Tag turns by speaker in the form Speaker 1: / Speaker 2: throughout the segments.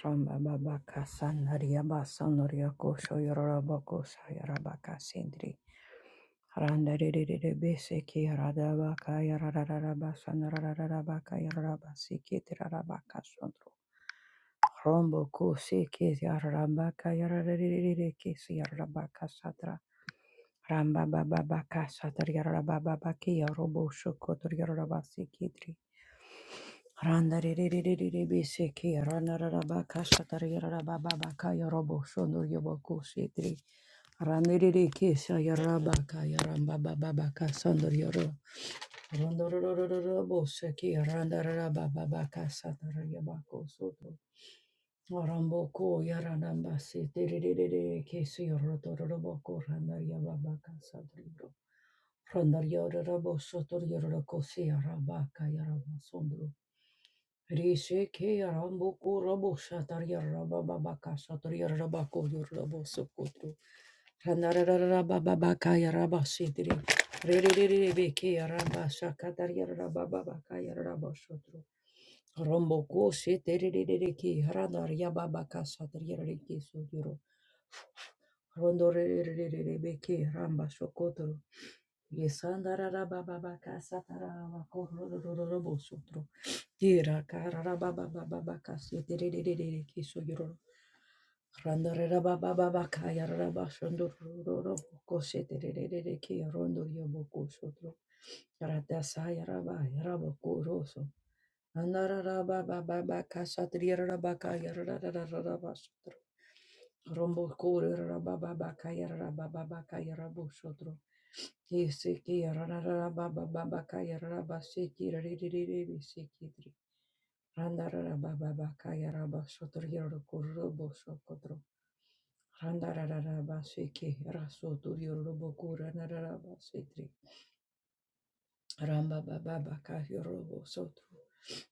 Speaker 1: Ramba baba kasanaria basanoria kosho yoroboko sayarabaka sindri. Randa rere bese ki radabaka yarararaba sanarararabaka yararaba sikiti rarabaka sondro. Rombo kusi ki yararabaka yararere kisi yararabaka sadra. Ramba baba baka sadra yararababa ki yarobo shokotor yararaba sikidri. Randa re re re re re re be se ke randa ra ra ba ka sha ta ra ya ra ra ba ba ba ka ya ra bo sho no ya ba ko she tre randa re re ke sha ya ra ba ka ya ra ba ba ba ba ka sha no ya ro randa ra ra ra ra ra bo se ke randa ra ra ba ba ba ka sha ta ra ya ba ko so to Rambo ko ya ra ra ba se te re re re re ke se ya ro to ro ro bo ko randa ya ba ba ka sha ta ro randa ya ra ra bo so to ya ro ko se ya ra ba ka ya ra ba so Rishike Rambuku Robo Shataria Rababaka Shataria Rabako Yurabo Sokoto Hanarababaka Yaraba Sidri Riribeke Yaraba Shakataria Rababaka Yarabo Shotro Romboku Shiteriki Haranaria Babaka Shataria Riki Suduro Rondo Riribeke Ramba Shokotro Yesandara Rababaka Satara Robo Sotro Yera karara baba baba baka seterererere kiso yoro. Randa rera baba baba kaya rara bashando roro boko seterererere ki rondo yo boko sotro. Rata saya raba yara boko roso. Randa rara baba baba kasa triera baka yara rara rara Rombo kore rababa bakaya rababa bakaya rabo shodro. Kese ke rababa bakaya rababa seki ririririri seki tri. Randa rababa bakaya rababa shodro yoro korobo shokodro. Randa rababa seki raso tur yoro robo kore rababa seki. Ramba baba baka yorobo sotro.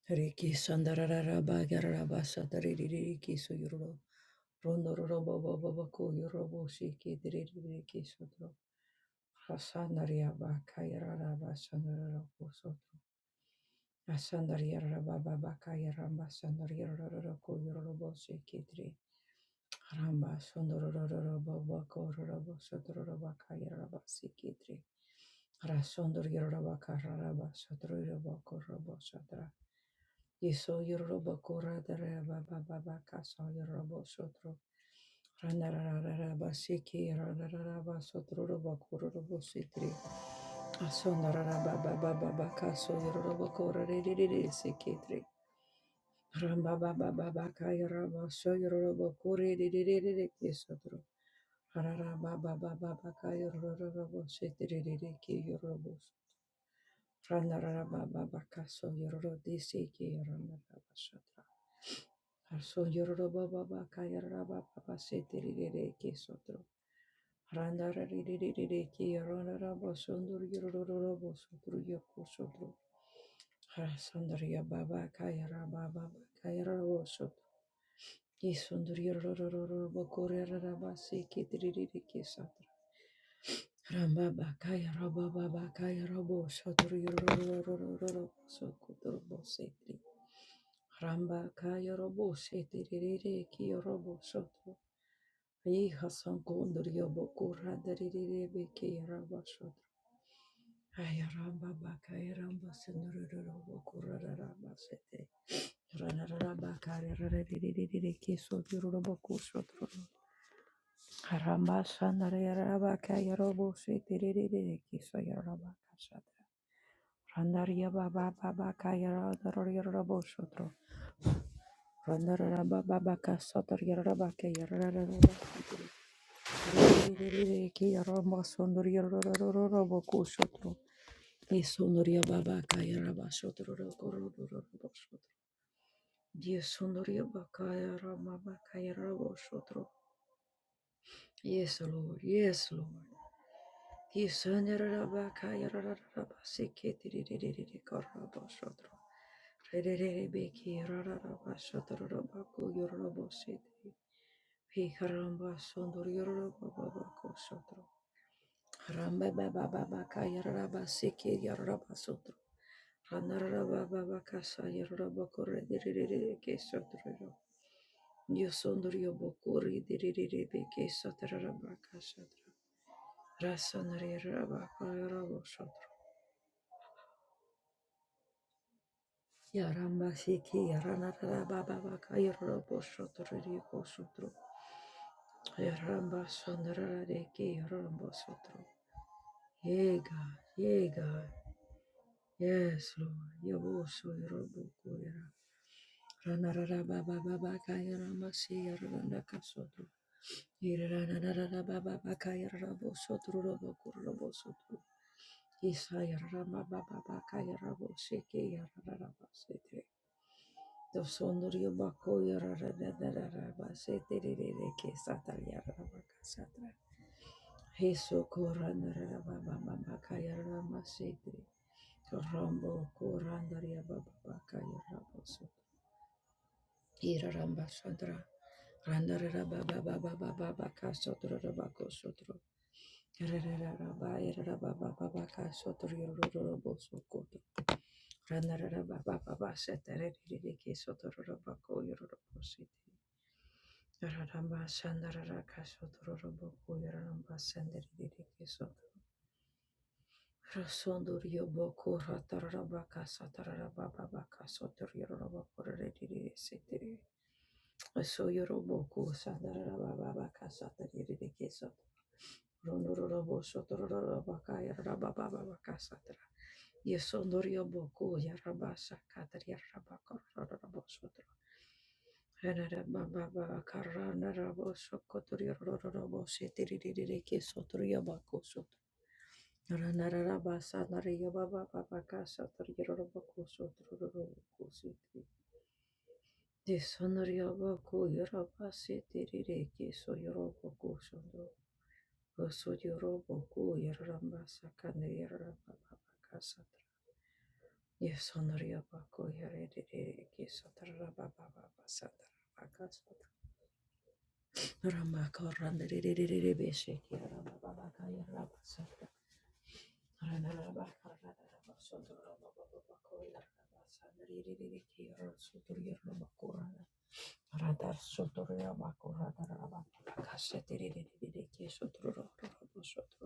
Speaker 1: Riki sandararaba garaba satariki so yoro. Rondo robo baba bako yorobo shiki diriki sotro. Asanaria baka yaraba sandararabo sotro. Asanaria raba baba kaya ramba sandaria roroko yorobo shiki dri. Ramba Sundorobakorobo Sotorobakayaraba Sikitri Rasundor Yorobakaraba Sotorobakorobo Sotra Yeso Yorobakura Dareba Baba Kaso Yorobo Sotro Ranararaba Siki Ranararaba Sotorobakorobo Sitri Asondaraba Baba Baba Kaso Yorobakora Sikitri Rambababababakayarabashoyorobokurididididikisodro. Hararabababababakayororoboshetiridirikiyorobo. Ranarabababakasoyororodisikiyarandababashodra. Harsoyororobababakayarabababashetiridirikisodro. Randarariririkiyarororobosondoryororobosodroyokosodro. Harasandariya baba kayara baba kayara Yisunduri rorororo bokore rarabase ketiriri kesatra. Ramba bakaya raba baba kaya robo shaturi rorororo sokotoro bosetri. Ramba kaya robo setiriri kiyo robo sotro. Yeha sankonduri bokora dariri beke raba sotro. Aya ramba bakaya ramba senduri bokora rarabase. Randa Dios sonrió para cara, mamá, cara, vosotros. Yes, Lord. Yes, Lord. Yes, Anarabakayarabasikitiririkarabashatro. Rederebekirarabashatarabakuyarabasiti. Hikarambasondoryorobababakoshatro. Rambabababakayarabasikirarabasotro. Ranarabababakasayarabakorediririrekeshatrero. Yosondoryobokoridirirebekeshatarabakashatra. Rasanarirabakarabosotro. Yarambasiki yaranarabababakayarabosotririkosotro. Yarambasanarareki yarambasotro. Yea, God. Yea, God. Yes, Lord. Yaboso yarobokoyara. Ranararabababakayarambasi yarandakasotro. Yiranararabababakayarabosotro robokorobosotro. Isayarabababakayarabosiki yararabasete. Dosondorio bako yarara darara base tererere ke satar yarara baka satra. Heso koran darara baba baba kayarara masetri. Rombo koran daria baba baka yarara baso. Iraramba sadra. Randarara baba baba baba baka sotro bako sotro. Yarara baba yarara baba baba ka sotro yororo boso Rararababababashataririririkesotororobako yororobositi. Rasondur yoboko ratarabaka satarabababaka sotororobako rariririsitiri. Soyoroboko satarabababaka sataririkeso. Rondororobo sotororobaka yarabababaka satara. Yesondorio boku yarabasa katar yarabakor rabosotro. Hanarababa karana raboso kotorio rabose tiriririki sotrio baku sotro. Ranarabasa nario baba baba kasa tario raboku sotro raboku sotri. Yesonorio boku yarabasi tiririki so yoroboku sotro. Osodio roboku yarabasa kanir rababa Yes, honoria bako yarere kisatara baba baba satara baka satara rama koranda rere beshe kiara baba baka yara satara rana raba kara raba satara baba baba bako yara satara rere rere kiara satara yara bako rana rada satara bako rada raba baka satara rere rere kisatara raba satara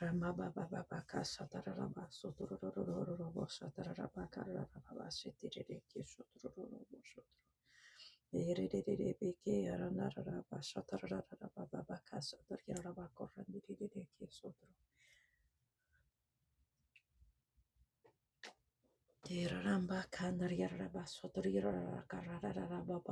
Speaker 1: Rama Baba Baba Casa Tararaba Sotororororobo Sataraba Carababa Sitiriki Sotororobo Sotor. Eredebeke Aranaraba Sataraba Baba Casa Tararaba Corrandiki Sotor. Tiraramba Canariaraba Sotorira Cararaba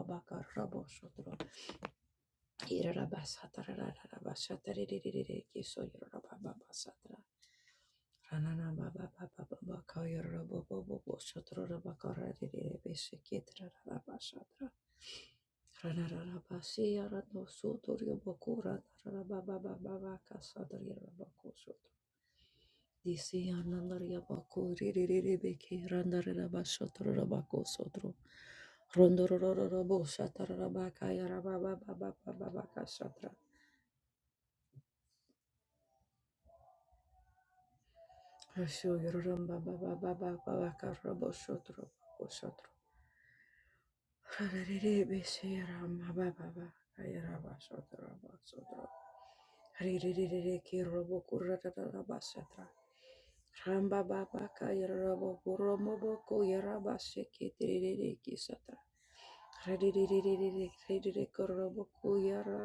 Speaker 1: Disi anandaria baku ririribeki randarira basotro baku sotro rondororo bosa tarara baka yara baba baba baba baka satra Osho yororomba baba baba baba karobo shotro bo shotro. Harere beshera baba baba kayara ba shotro ba shotro. Harirere kirobo kurata ba shatra. Ramba baba kayara robo kuromo bo kuyara ba shekitirere kisatra. Harirere kirere kurobo kuyara.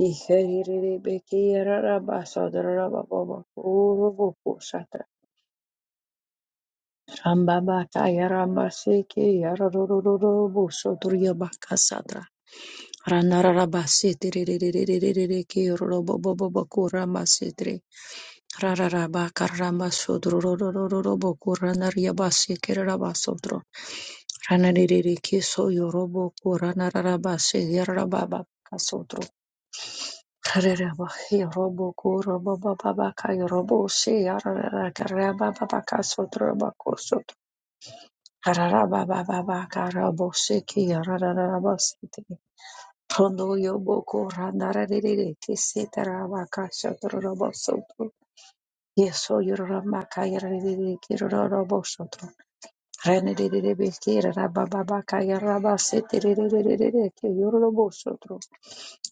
Speaker 1: Iherere bekiyara ba shotro ba baba kurobo Rambabata Yarambaseke Yarororo Bosoturia Bakasatra Ranarabasete Reke Robobobokura Masetre Rarabaka Ramasodro Bokuranaria Baseke Rabasotro Ranarike Soyorobo Kuranarabase Yarababa Kasotro Rarabaki Robo Kurababa Baka Robo Se Yarababa Kasotro Hararababababakaraboshiki, harararabasiti. Hondoyoboko, randararerere, tisetarabakashatararabasoto. Yesoyoramakayararerere, kirarabosoto. Renerererebeke, rarabababakayarabasitererererere, kiyororobosoto.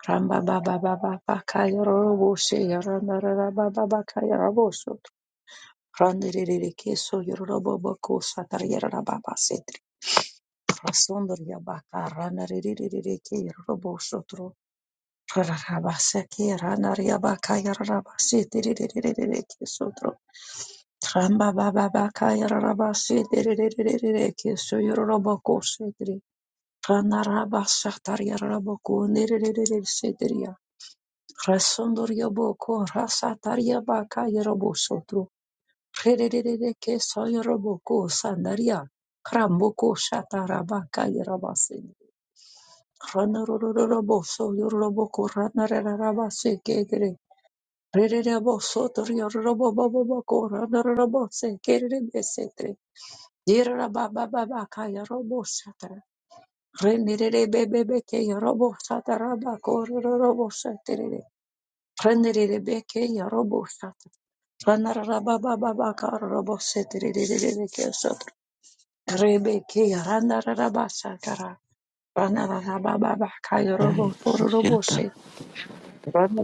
Speaker 1: Rambababababakayaroroboshe, yarandararababakayarabosoto. Randererere, kesoyororoboboko, satararababasete. Rasundar Yabaka Rana Ririki Robo Sotro Rabasaki Rana Yabaka Yarabasi Tiriki Sotro Tramba Baba Baka Yarabasi Tiriki Suyoroboko Sitri Rana Rabasatar Yaraboko Niriri Sitria Rasundur Yaboko Rasatar Yabaka Yarobo Sotro Ririki Soyoroboko Sandaria Kramboko Shatarabaka Yarabasi Ranaroroboso, Yoroboko, Ranarabase, Kedere, Rereboso, Torioroboboboko, Ranarabose, Kerebesetre, Yerabababaka, Yorobosata, Renerebebeke, Yorobosata, Rabako, Rorobosetere, Renerebeke, Yorobosata, Ranarabababaka, Robosetere, Rebekesotra, Rebeke, Ranarabasatara, Ranarababaka,
Speaker 2: Shanda,
Speaker 1: Yoroboko, Thank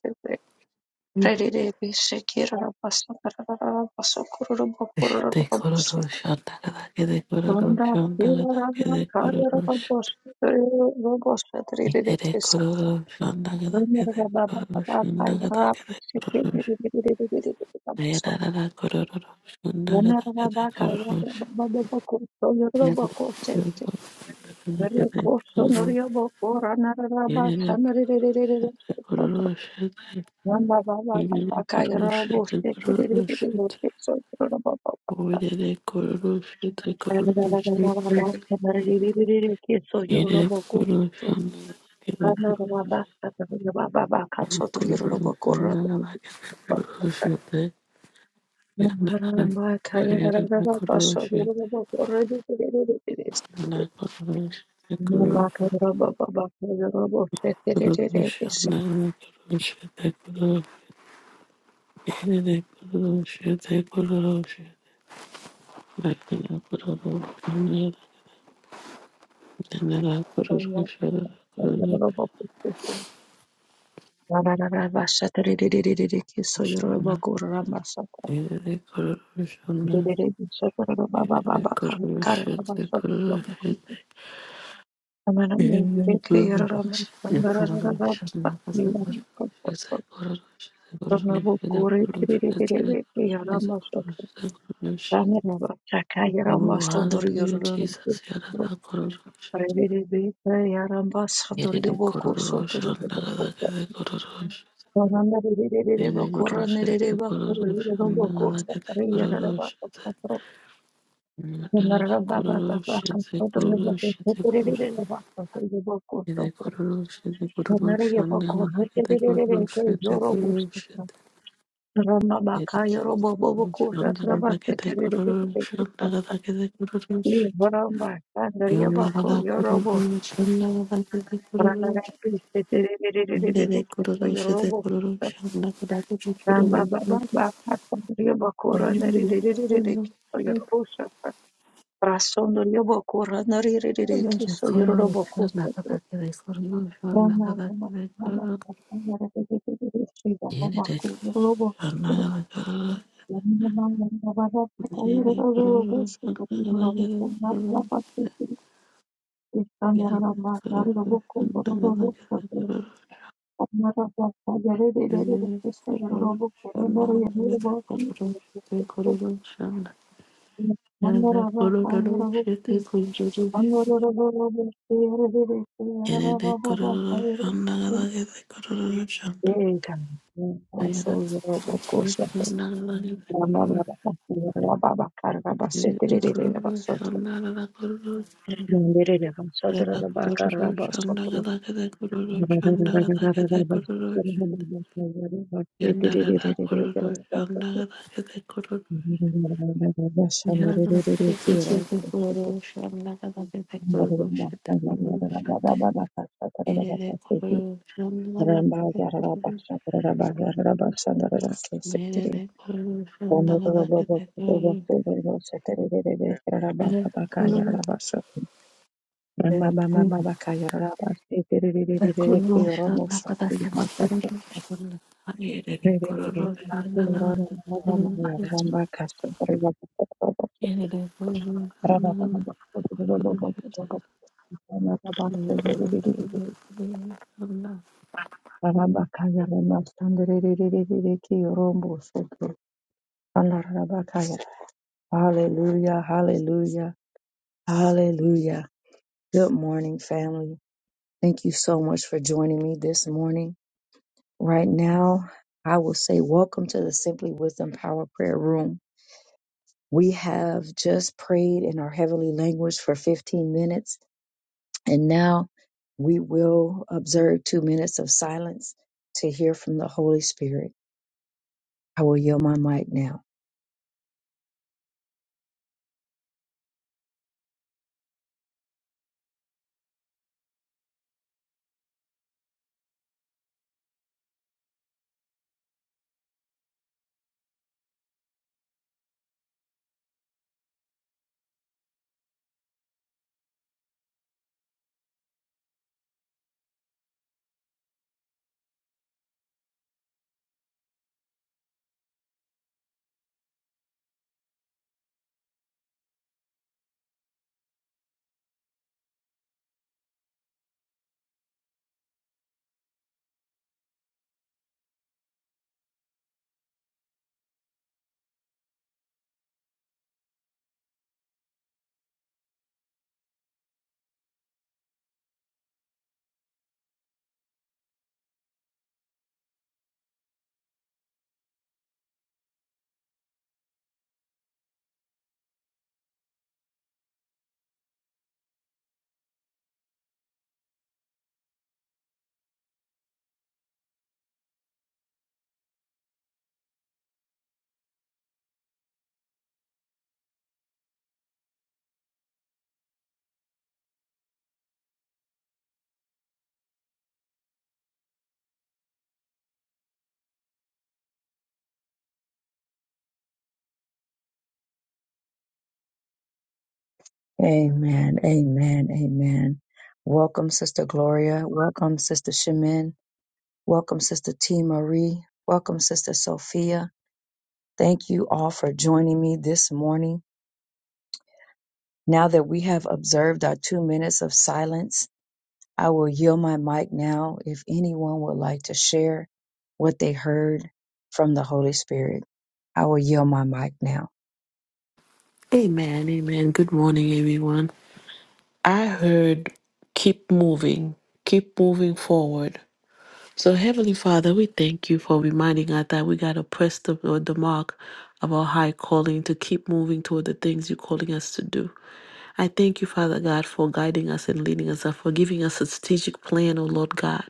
Speaker 1: you. Donda Tirana Kaya Robos Robos
Speaker 2: Yere
Speaker 1: Satra.
Speaker 2: kororo shanda gada
Speaker 1: Runner
Speaker 2: gada kororo
Speaker 1: baba,
Speaker 2: shanda gada
Speaker 1: Kaya
Speaker 2: gada
Speaker 1: Sikri
Speaker 2: kororo sh- Yada dada kororo shanda gada gada kororo sh- Yada dada kororo shanda gada kororo
Speaker 1: Runner
Speaker 2: sh-
Speaker 1: baba,
Speaker 2: Yada dada
Speaker 1: Rede
Speaker 2: kororo shanda-
Speaker 1: Ramba baba
Speaker 2: Yada
Speaker 1: baba
Speaker 2: dada
Speaker 1: kaya
Speaker 2: kororo
Speaker 1: robo
Speaker 2: shanda kororo
Speaker 1: sekererererere
Speaker 2: shanda.
Speaker 1: keso yoro robo baba.
Speaker 2: Yada dada kororo shanda kororo
Speaker 1: Rararararara
Speaker 2: shanda.
Speaker 1: basa marerererere keso yoro
Speaker 2: Yada
Speaker 1: robo
Speaker 2: dada kororo shanda gada gada kororo- Yada dada kororo shanda gada gada kororo
Speaker 1: kusto.
Speaker 2: shanda. Yada dada-
Speaker 1: Rarararara basa marererere baba baba kaso turi yoro robo korra. Ramba kaya
Speaker 2: Yada dada
Speaker 1: rarararara
Speaker 2: kororo
Speaker 1: baso
Speaker 2: shanda.
Speaker 1: yoro robo korra dererererere.
Speaker 2: Not Kurdish, the
Speaker 1: Ramba
Speaker 2: Kurdish,
Speaker 1: kaya robo baba kaya robo sekerererere
Speaker 2: Kurdish,
Speaker 1: kese.
Speaker 2: not Kurdish, the Kurdish, the Kurdish, the Kurdish, not the Kurdish, not the Kurdish, the Kurdish, not the Kurdish, not
Speaker 1: Ramba kaya robo kusto. Yaramba
Speaker 2: the Kurdish, the Kurdish, in the Kurdish, the Kurdish, not the Kurdish, the Kurdish, the Kurdish, the Kurdish, the Kurdish, the Kurdish, Oh, hallelujah, Jesus. Yarara kororosh.
Speaker 1: Sandor
Speaker 2: Yerere
Speaker 1: Yoboko
Speaker 2: kororosh.
Speaker 1: Sotor
Speaker 2: Andagada kede kororosh.
Speaker 1: Rana
Speaker 2: Yere kororosh. Yere kororosh. Andagada kede kororosh. Yarara kororosh. Yere kororosh. Yere kororosh. Yere kororosh. Yere kororosh. Andagada kede kororosh. Yere kororosh. Yere kororosh. Andagada kede kororosh. Andagada kede kororosh. Yandagada kororosh. Andagada kede kororosh. Nerede kurulu şede kurulu şanda kadar kurulu
Speaker 1: Ramba
Speaker 2: kurulu
Speaker 1: baba baka ryobo korana
Speaker 2: oyunu kurulu
Speaker 1: rirererereke
Speaker 2: Şöyle
Speaker 1: yorobosha rasondo ryobo korana
Speaker 2: kurulu
Speaker 1: rirerereke
Speaker 2: şanda kadar
Speaker 1: so
Speaker 2: kurulu kurulu
Speaker 1: yorobo kokoto
Speaker 2: şanda
Speaker 1: rana
Speaker 2: kadar
Speaker 1: rama
Speaker 2: kurulu
Speaker 1: mama
Speaker 2: kurulu
Speaker 1: rama rirererereke baba
Speaker 2: yenide
Speaker 1: ko robo
Speaker 2: şanda kadar
Speaker 1: yamina mama baba ko
Speaker 2: yenide
Speaker 1: yorobo
Speaker 2: kurulu
Speaker 1: shu
Speaker 2: şanda
Speaker 1: ko
Speaker 2: kadar
Speaker 1: yorobo ko
Speaker 2: kurulu
Speaker 1: matra
Speaker 2: kurulu
Speaker 1: bakte istan yarana
Speaker 2: yanı
Speaker 1: matra
Speaker 2: kurulu şanda
Speaker 1: robo ko
Speaker 2: kadar
Speaker 1: robo
Speaker 2: kadar
Speaker 1: ko
Speaker 2: kurulu
Speaker 1: amara baba
Speaker 2: yanı
Speaker 1: yarererereke so
Speaker 2: kurulu
Speaker 1: yorobo ko robo
Speaker 2: şanda kadar
Speaker 1: yorobo ko
Speaker 2: kadar kurulu kurulu şanda
Speaker 1: Thank you.
Speaker 2: yanı kurulu şete kurulu Yere de kururu şanda gala gede kururu şanda. Yere de Yerere kororo shanda galagete kororo shanda. Yerere kororo shanda galagete kororo shanda. Yerere kororo shanda galagete kororo de galagete kororo shanda. Yerere kororo shanda galagete kororo. Yerere kororo shanda galagete kororo
Speaker 1: Rabba
Speaker 2: shanda kororo shanda. Yerere kororo shanda galagete kororo shanda. Mere de kuru shandala vake de kuru mere kuru de kuru shandala kada se kuru shandala mere de kuru shandala vake de kuru mere de kuru shandala kuru shandala.
Speaker 1: Rabakaya Soto Rabakaya. Hallelujah, hallelujah, hallelujah. Good morning, family. Thank you so much for joining me this morning. Right now, I will say welcome to the Simply Wisdom Power Prayer Room. We have just prayed in our heavenly language for 15 minutes, and now we will observe two minutes of silence to hear from the Holy Spirit. I will yield my mic now. Amen. Amen. Amen. Welcome, Sister Gloria. Welcome, Sister Shemin. Welcome, Sister T. Marie. Welcome, Sister Sophia. Thank you all for joining me this morning. Now that we have observed our two minutes of silence, I will yield my mic now if anyone would like to share what they heard from the Holy Spirit. I will yield my mic now.
Speaker 2: Amen, amen. Good morning, everyone. I heard keep moving, keep moving forward. So, Heavenly Father, we thank you for reminding us that we got to press the, or the mark of our high calling to keep moving toward the things you're calling us to do. I thank you, Father God, for guiding us and leading us up, for giving us a strategic plan, O Lord God.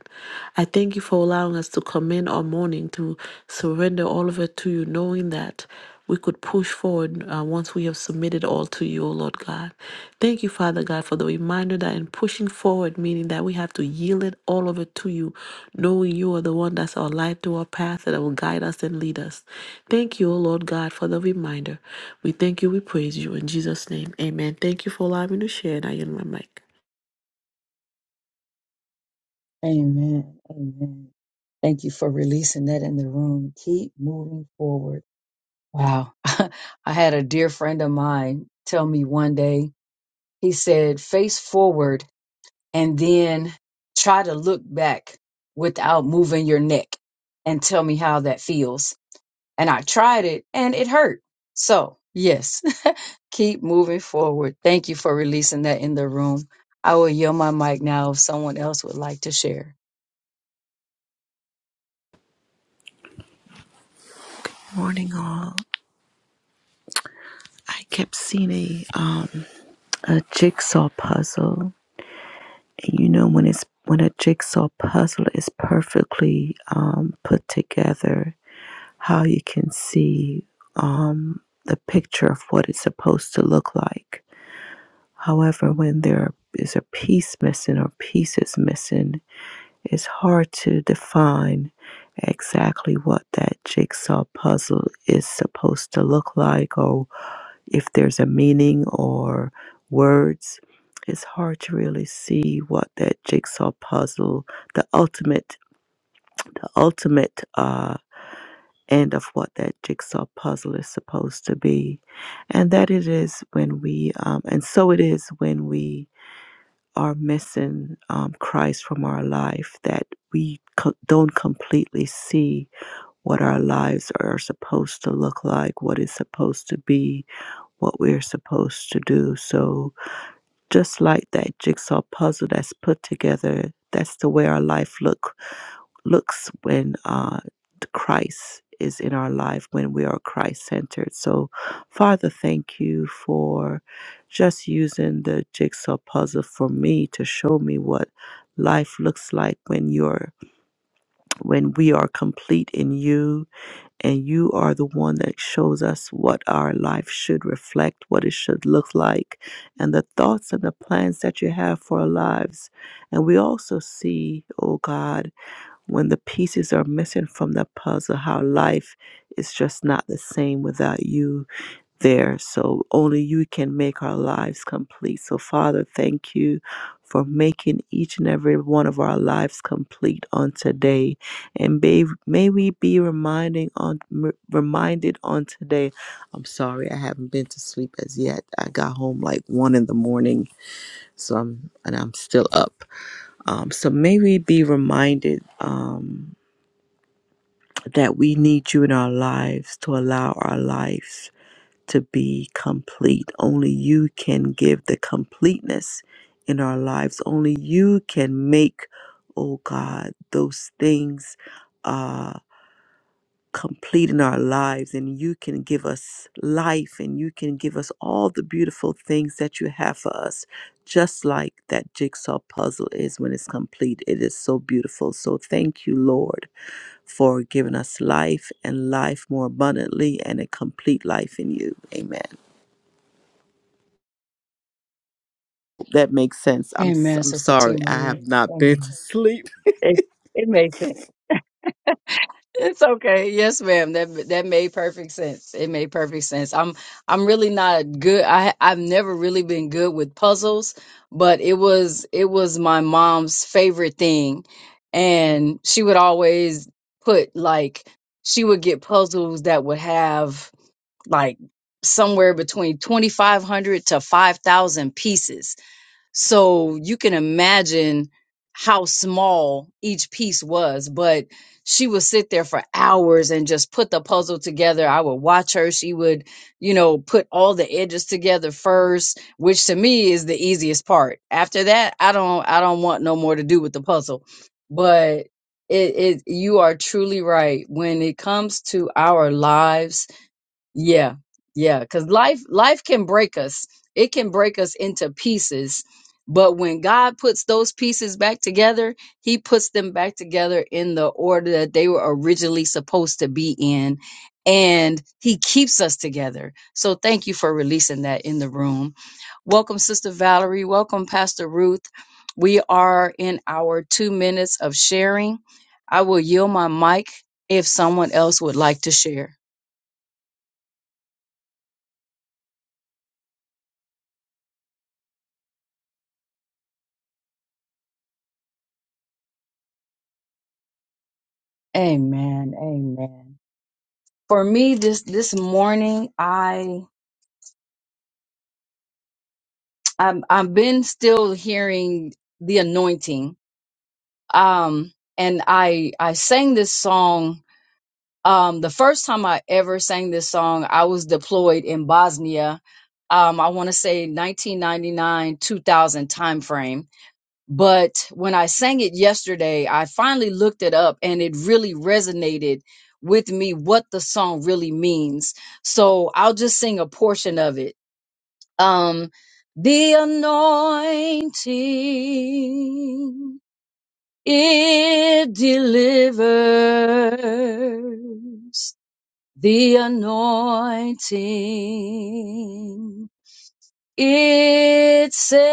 Speaker 2: I thank you for allowing us to come in our morning, to surrender all of it to you, knowing that we could push forward uh, once we have submitted all to you, O Lord God. Thank you, Father God, for the reminder that in pushing forward, meaning that we have to yield it all over to you, knowing you are the one that's our light to our path that will guide us and lead us. Thank you, O Lord God, for the reminder. We thank you, we praise you. In Jesus' name, amen. Thank you for allowing me to share, and I yield my mic.
Speaker 1: Amen. Amen. Thank you for releasing that in the room. Keep moving forward Wow. I had a dear friend of mine tell me one day, he said, face forward and then try to look back without moving your neck and tell me how that feels. And I tried it and it hurt. So, yes, keep moving forward. Thank you for releasing that in the room. I will yield my mic now if someone else would like to share.
Speaker 3: Morning, all. I kept seeing a um a jigsaw puzzle, and you know when it's when a jigsaw puzzle is perfectly um put together, how you can see um the picture of what it's supposed to look like. However, when there is a piece missing or pieces missing, it's hard to define exactly what that jigsaw puzzle is supposed to look like or if there's a meaning or words, it's hard to really see what that jigsaw puzzle, the ultimate, ultimate uh, end of what that jigsaw puzzle is supposed to be. And that it is when we, um, and so it is when we are missing um, Christ from our life, that we co- don't completely see what our lives are supposed to look like, what is supposed to be, what we're supposed to do. So, just like that jigsaw puzzle that's put together that's the way our life look looks when uh, christ is in our life when we are christ centered so father thank you for just using the jigsaw puzzle for me to show me what life looks like when you're when we are complete in you and you are the one that shows us what our life should reflect, what it should look like, and the thoughts and the plans that you have for our lives. And we also see, oh God, when the pieces are missing from the puzzle, how life is just not the same without you there. So only you can make our lives complete. So, Father, thank you for making each and every one of our lives complete on today. And may, may we be reminding on m- reminded on today. I'm sorry, I haven't been to sleep as yet. I got home like one in the morning, so I'm and I'm still up. Um, so may we be reminded um, that we need you in our lives to allow our lives to be complete. Only you can give the completeness in our lives. Only you can make, oh God, those things uh, complete in our lives. And you can give us life and you can give us all the beautiful things that you have for us, just like that jigsaw puzzle is when it's complete. It is so beautiful. So thank you, Lord for giving us life and life more abundantly and a complete life in you. Amen. That makes sense. I'm s-
Speaker 1: Amen,
Speaker 3: I'm
Speaker 1: Sister T.
Speaker 3: sorry. I
Speaker 1: Marie.
Speaker 3: have not been to
Speaker 1: Amen.
Speaker 3: sleep.
Speaker 1: It, it made sense. It's okay. Yes, ma'am. That that made perfect sense. It made perfect sense. I'm I'm really not good. I I've never really been good with puzzles, but it was it was my mom's favorite thing, and she would always put like she would get puzzles that would have like somewhere between 2500 to 5000 pieces so you can imagine how small each piece was, but she would sit there for hours and just put the puzzle together. I would watch her. She would, you know, put all the edges together first, which to me is the easiest part. After that, I don't I don't want no more to do with the puzzle. But it, it you are truly right. When it comes to our lives, yeah, yeah, because life life can break us. It can break us into pieces. But when God puts those pieces back together, He puts them back together in the order that they were originally supposed to be in. And He keeps us together. So thank you for releasing that in the room. Welcome, Sister Valerie. Welcome, Pastor Ruth. We are in our two minutes of sharing. I will yield my mic if someone else would like to share. Amen. Amen. For me, this this morning, I I'm I've been still hearing the anointing. Um, and I I sang this song. Um, the first time I ever sang this song, I was deployed in Bosnia. Um, I want to say 1999 2000 timeframe. But when I sang it yesterday, I finally looked it up and it really resonated with me what the song really means. So I'll just sing a portion of it. Um, the anointing, it delivers. The anointing, it saves.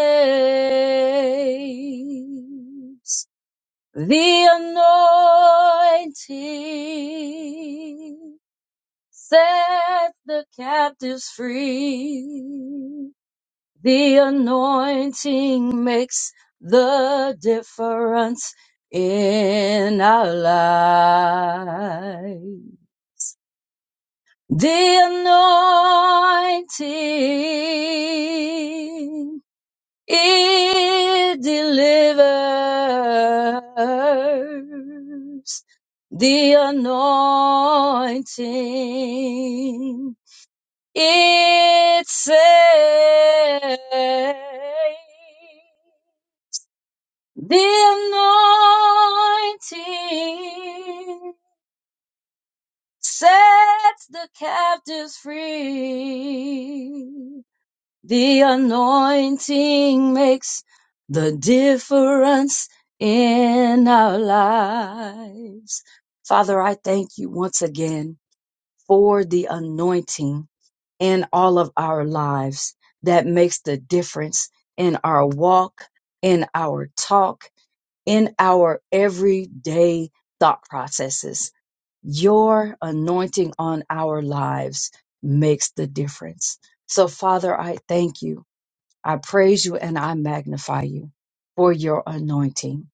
Speaker 1: The anointing set the captives free. The anointing makes the difference in our life. The anointing It delivers the anointing. It saves the anointing sets the captives free. The anointing makes the difference in our lives. Father, I thank you once again for the anointing in all of our lives that makes the difference in our walk, in our talk, in our everyday thought processes. Your anointing on our lives makes the difference. So, Father, I thank you I praise you and I magnify you for your anointing.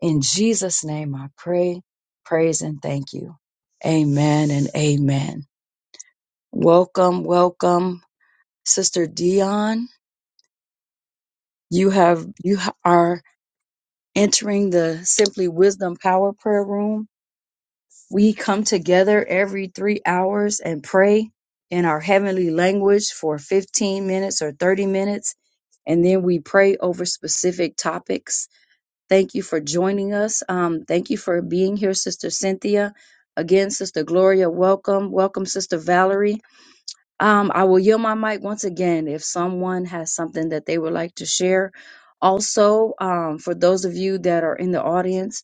Speaker 1: In Jesus' name I pray, praise, and thank you. Amen and amen. Welcome, welcome, Sister Dion. You have you ha- are entering the Simply Wisdom Power Prayer Room. We come together every three hours and pray in our heavenly language for 15 minutes or 30 minutes, and then we pray over specific topics Thank you for joining us. Um, thank you for being here, Sister Cynthia. Again, Sister Gloria, welcome. Welcome, Sister Valerie. Um, I will yield my mic once again if someone has something that they would like to share. Also, um, for those of you that are in the audience,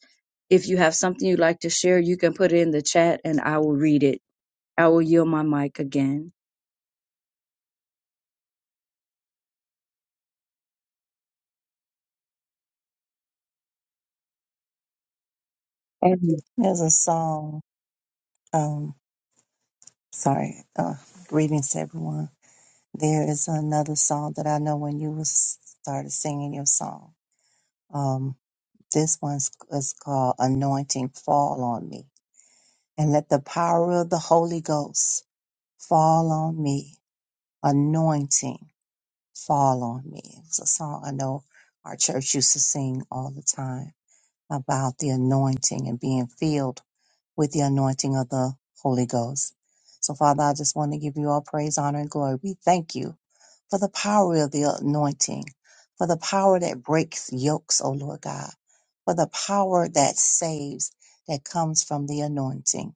Speaker 1: if you have something you'd like to share, you can put it in the chat and I will read it. I will yield my mic again. Amen,
Speaker 4: There's a song. Um, sorry. Uh, greetings to everyone. There is another song that I know when you was started singing your song. Um, this one's is called "Anointing Fall on Me," and let the power of the Holy Ghost fall on me. Anointing fall on me. It's a song I know our church used to sing all the time about the anointing and being filled with the anointing of the Holy Ghost. So, Father, I just want to give you all praise, honor, and glory. We thank you for the power of the anointing, for the power that breaks yokes, O Lord God, for the power that saves, that comes from the anointing.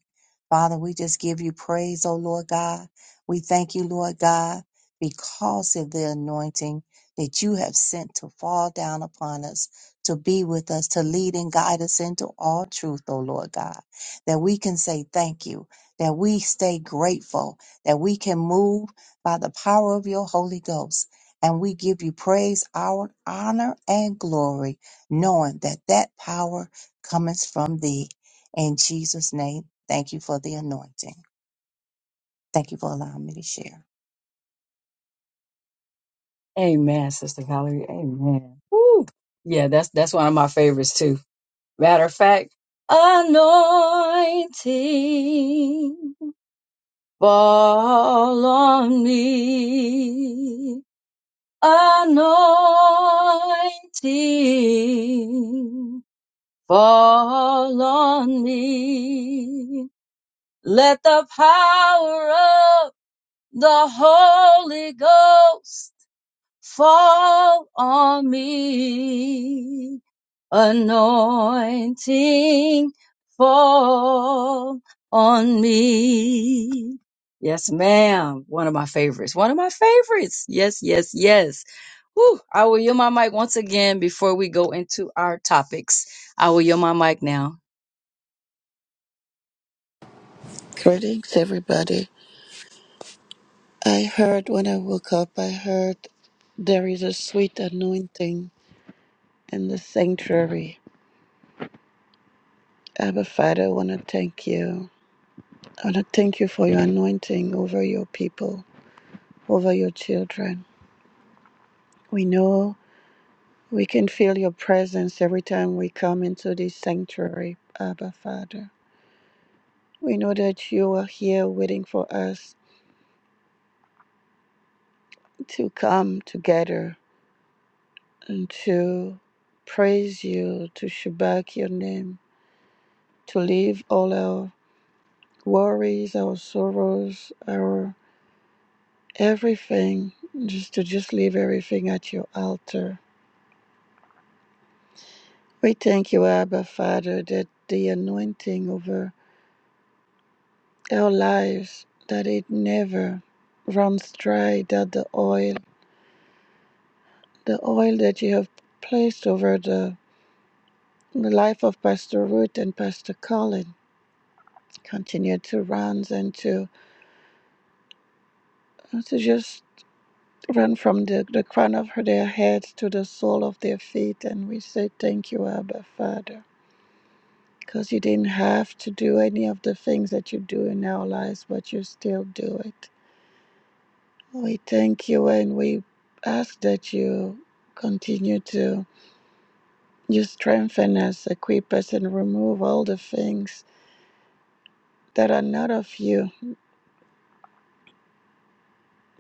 Speaker 4: Father, we just give you praise, O Lord God. We thank you, Lord God, because of the anointing that you have sent to fall down upon us, to be with us, to lead and guide us into all truth, O Lord God that we can say thank you, that we stay grateful, that we can move by the power of your Holy Ghost. And we give you praise, our honor, and glory, knowing that that power cometh from thee. In Jesus' name, thank you for the anointing. Thank you for allowing me to share.
Speaker 1: Amen, Sister Valerie. Amen. Woo. Yeah, that's that's one of my favorites too. Matter of fact, anointing fall on me. Anointing Fall on me. Let the power of the Holy Ghost fall on me. Anointing fall on me. Yes, ma'am. One of my favorites. One of my favorites. Yes, yes, yes. Whew. I will yield my mic once again before we go into our topics. I will yield my mic now.
Speaker 5: Greetings, everybody. I heard when I woke up, I heard there is a sweet anointing in the sanctuary. Abba Father, I want to thank you. I want to thank you for your anointing over your people, over your children. We know we can feel your presence every time we come into this sanctuary, Abba Father. We know that you are here waiting for us to come together and to praise you, to shabak your name to leave all our worries, our sorrows, our everything, just to just leave everything at your altar. We thank you, Abba Father, that the anointing over our lives that it never runs dry, that the oil, the oil that you have placed over the, the life of Pastor Ruth and Pastor Colin continue to run and to to just Run from the, the crown of their heads to the sole of their feet. And we say, Thank you, Abba, Father. Because you didn't have to do any of the things that you do in our lives, but you still do it. We thank you and we ask that you continue to you strengthen us, equip us, and remove all the things that are not of you,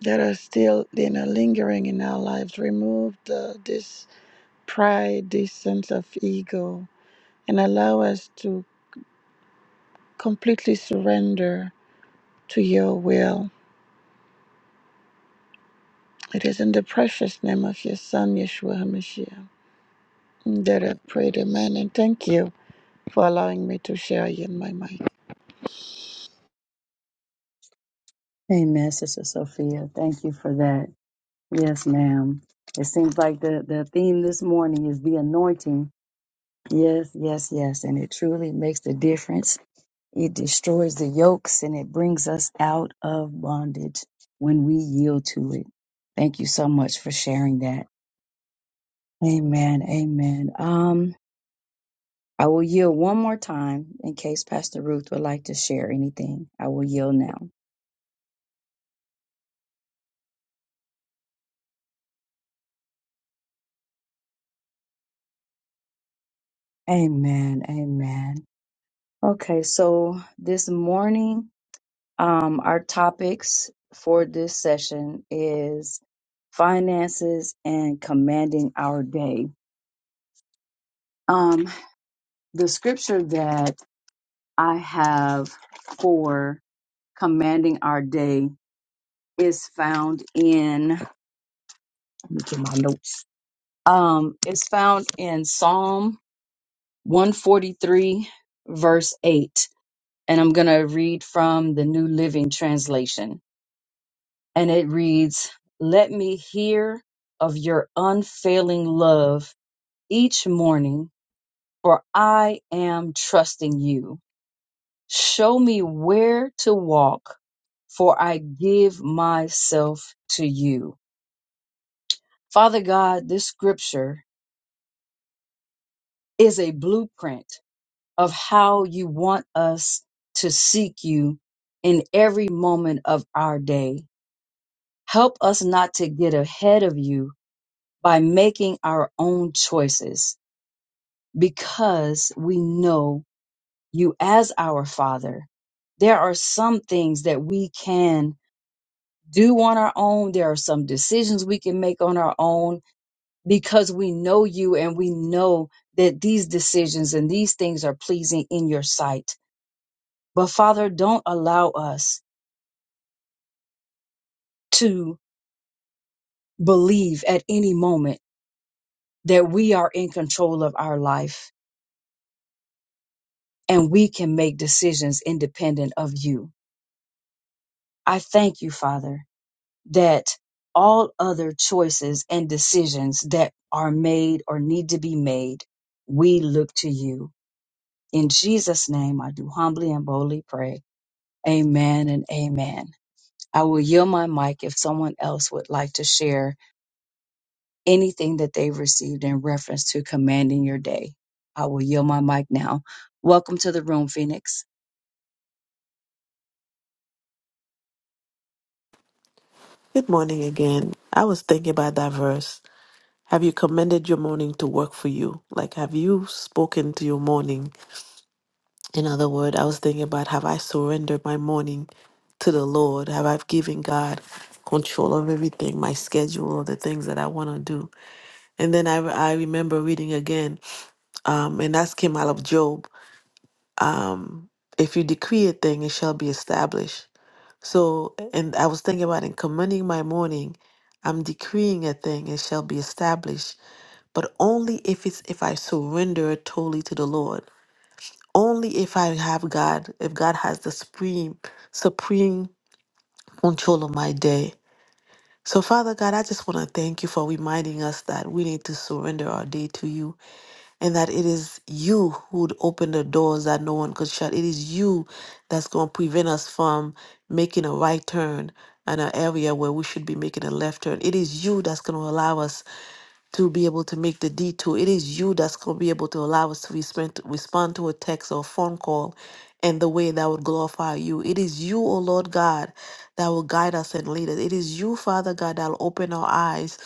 Speaker 5: that are still you know, lingering in our lives. Remove the, this pride, this sense of ego, and allow us to completely surrender to your will. It is in the precious name of your Son, Yeshua HaMashiach, that I prayed, Amen. And thank you for allowing me to share you in my mic.
Speaker 1: Amen, Sister Sophia. Thank you for that. Yes, ma'am. It seems like the, the theme this morning is the anointing. Yes, yes, yes. And it truly makes the difference. It destroys the yokes and it brings us out of bondage when we yield to it. Thank you so much for sharing that. Amen. Amen. Um, I will yield one more time in case Pastor Ruth would like to share anything. I will yield now. Amen. Amen. Okay, so this morning, um, our topics for this session is finances and commanding our day. Um, the scripture that I have for commanding our day is found in, let me get my notes. Um, it's found in Psalm 143, verse 8. And I'm going to read from the New Living Translation. and it reads, Let me hear of your unfailing love each morning, for I am trusting you. Show me where to walk, for I give myself to you. Father God, this scripture is a blueprint of how you want us to seek you in every moment of our day. Help us not to get ahead of you by making our own choices because we know you as our Father. There are some things that we can do on our own, there are some decisions we can make on our own because we know you and we know that these decisions and these things are pleasing in your sight. But Father, don't allow us to believe at any moment that we are in control of our life and we can make decisions independent of you. I thank you, Father that all other choices and decisions that are made or need to be made, we look to you. In Jesus' name, I do humbly and boldly pray. Amen and amen. I will yield my mic if someone else would like to share anything that they've received in reference to commanding your day. I will yield my mic now. Welcome to the room, Phoenix.
Speaker 2: Good morning again. I was thinking about that verse. Have you commended your morning to work for you? Like, have you spoken to your morning? In other words, I was thinking about have I surrendered my morning to the Lord? Have I given God control of everything, my schedule, or the things that I want to do? And then I, I remember reading again, um, and that's came out of Job. Um, if you decree a thing, it shall be established. So, and I was thinking about in commending my morning, I'm decreeing a thing, it shall be established, but only if it's if I surrender it totally to the Lord. Only if I have God, if God has the supreme, supreme control of my day. So, Father God, I just want to thank you for reminding us that we need to surrender our day to you and that it is you who would open the doors that no one could shut. It is you that's going to prevent us from making a right turn in an area where we should be making a left turn. It is you that's going to allow us to be able to make the detour. It is you that's going to be able to allow us to respond, respond to a text or phone call in the way that would glorify you. It is you, O Lord God, that will guide us and lead us. It is you, Father God, that will open our eyes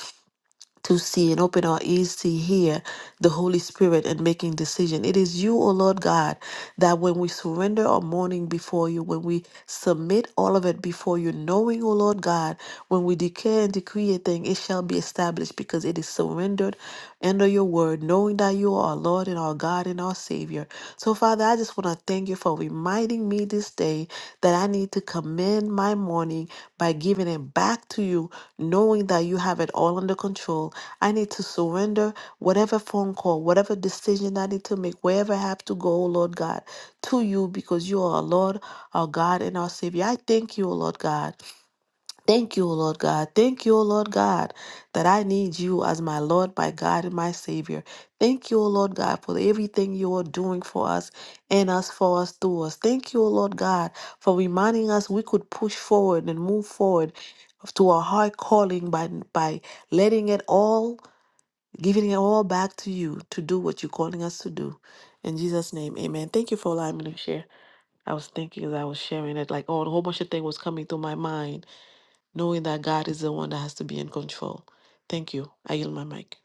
Speaker 2: to see and open our ears to hear the Holy Spirit and making decision. It is you, O Lord God, that when we surrender our morning before you, when we submit all of it before you, knowing, O Lord God, when we declare and decree a thing, it shall be established because it is surrendered under your word, knowing that you are our Lord and our God and our Savior. So. So, Father, I just want to thank you for reminding me this day that I need to commend my morning by giving it back to you, knowing that you have it all under control. I need to surrender whatever phone call, whatever decision I need to make, wherever I have to go, oh Lord God, to you because you are our Lord, our God, and our Savior. I thank you, oh Lord God. Thank you, O Lord God. Thank you, O Lord God, that I need you as my Lord, my God, and my Savior. Thank you, O Lord God, for everything you are doing for us, in us, for us, through us. Thank you, O Lord God, for reminding us we could push forward and move forward to our high calling by by letting it all, giving it all back to you to do what you're calling us to do. In Jesus' name, amen. Thank you for allowing me to share. I was thinking as I was sharing it, like, oh, a whole bunch of things was coming through my mind knowing that God is the one that has to be in control. Thank you. I yield my mic.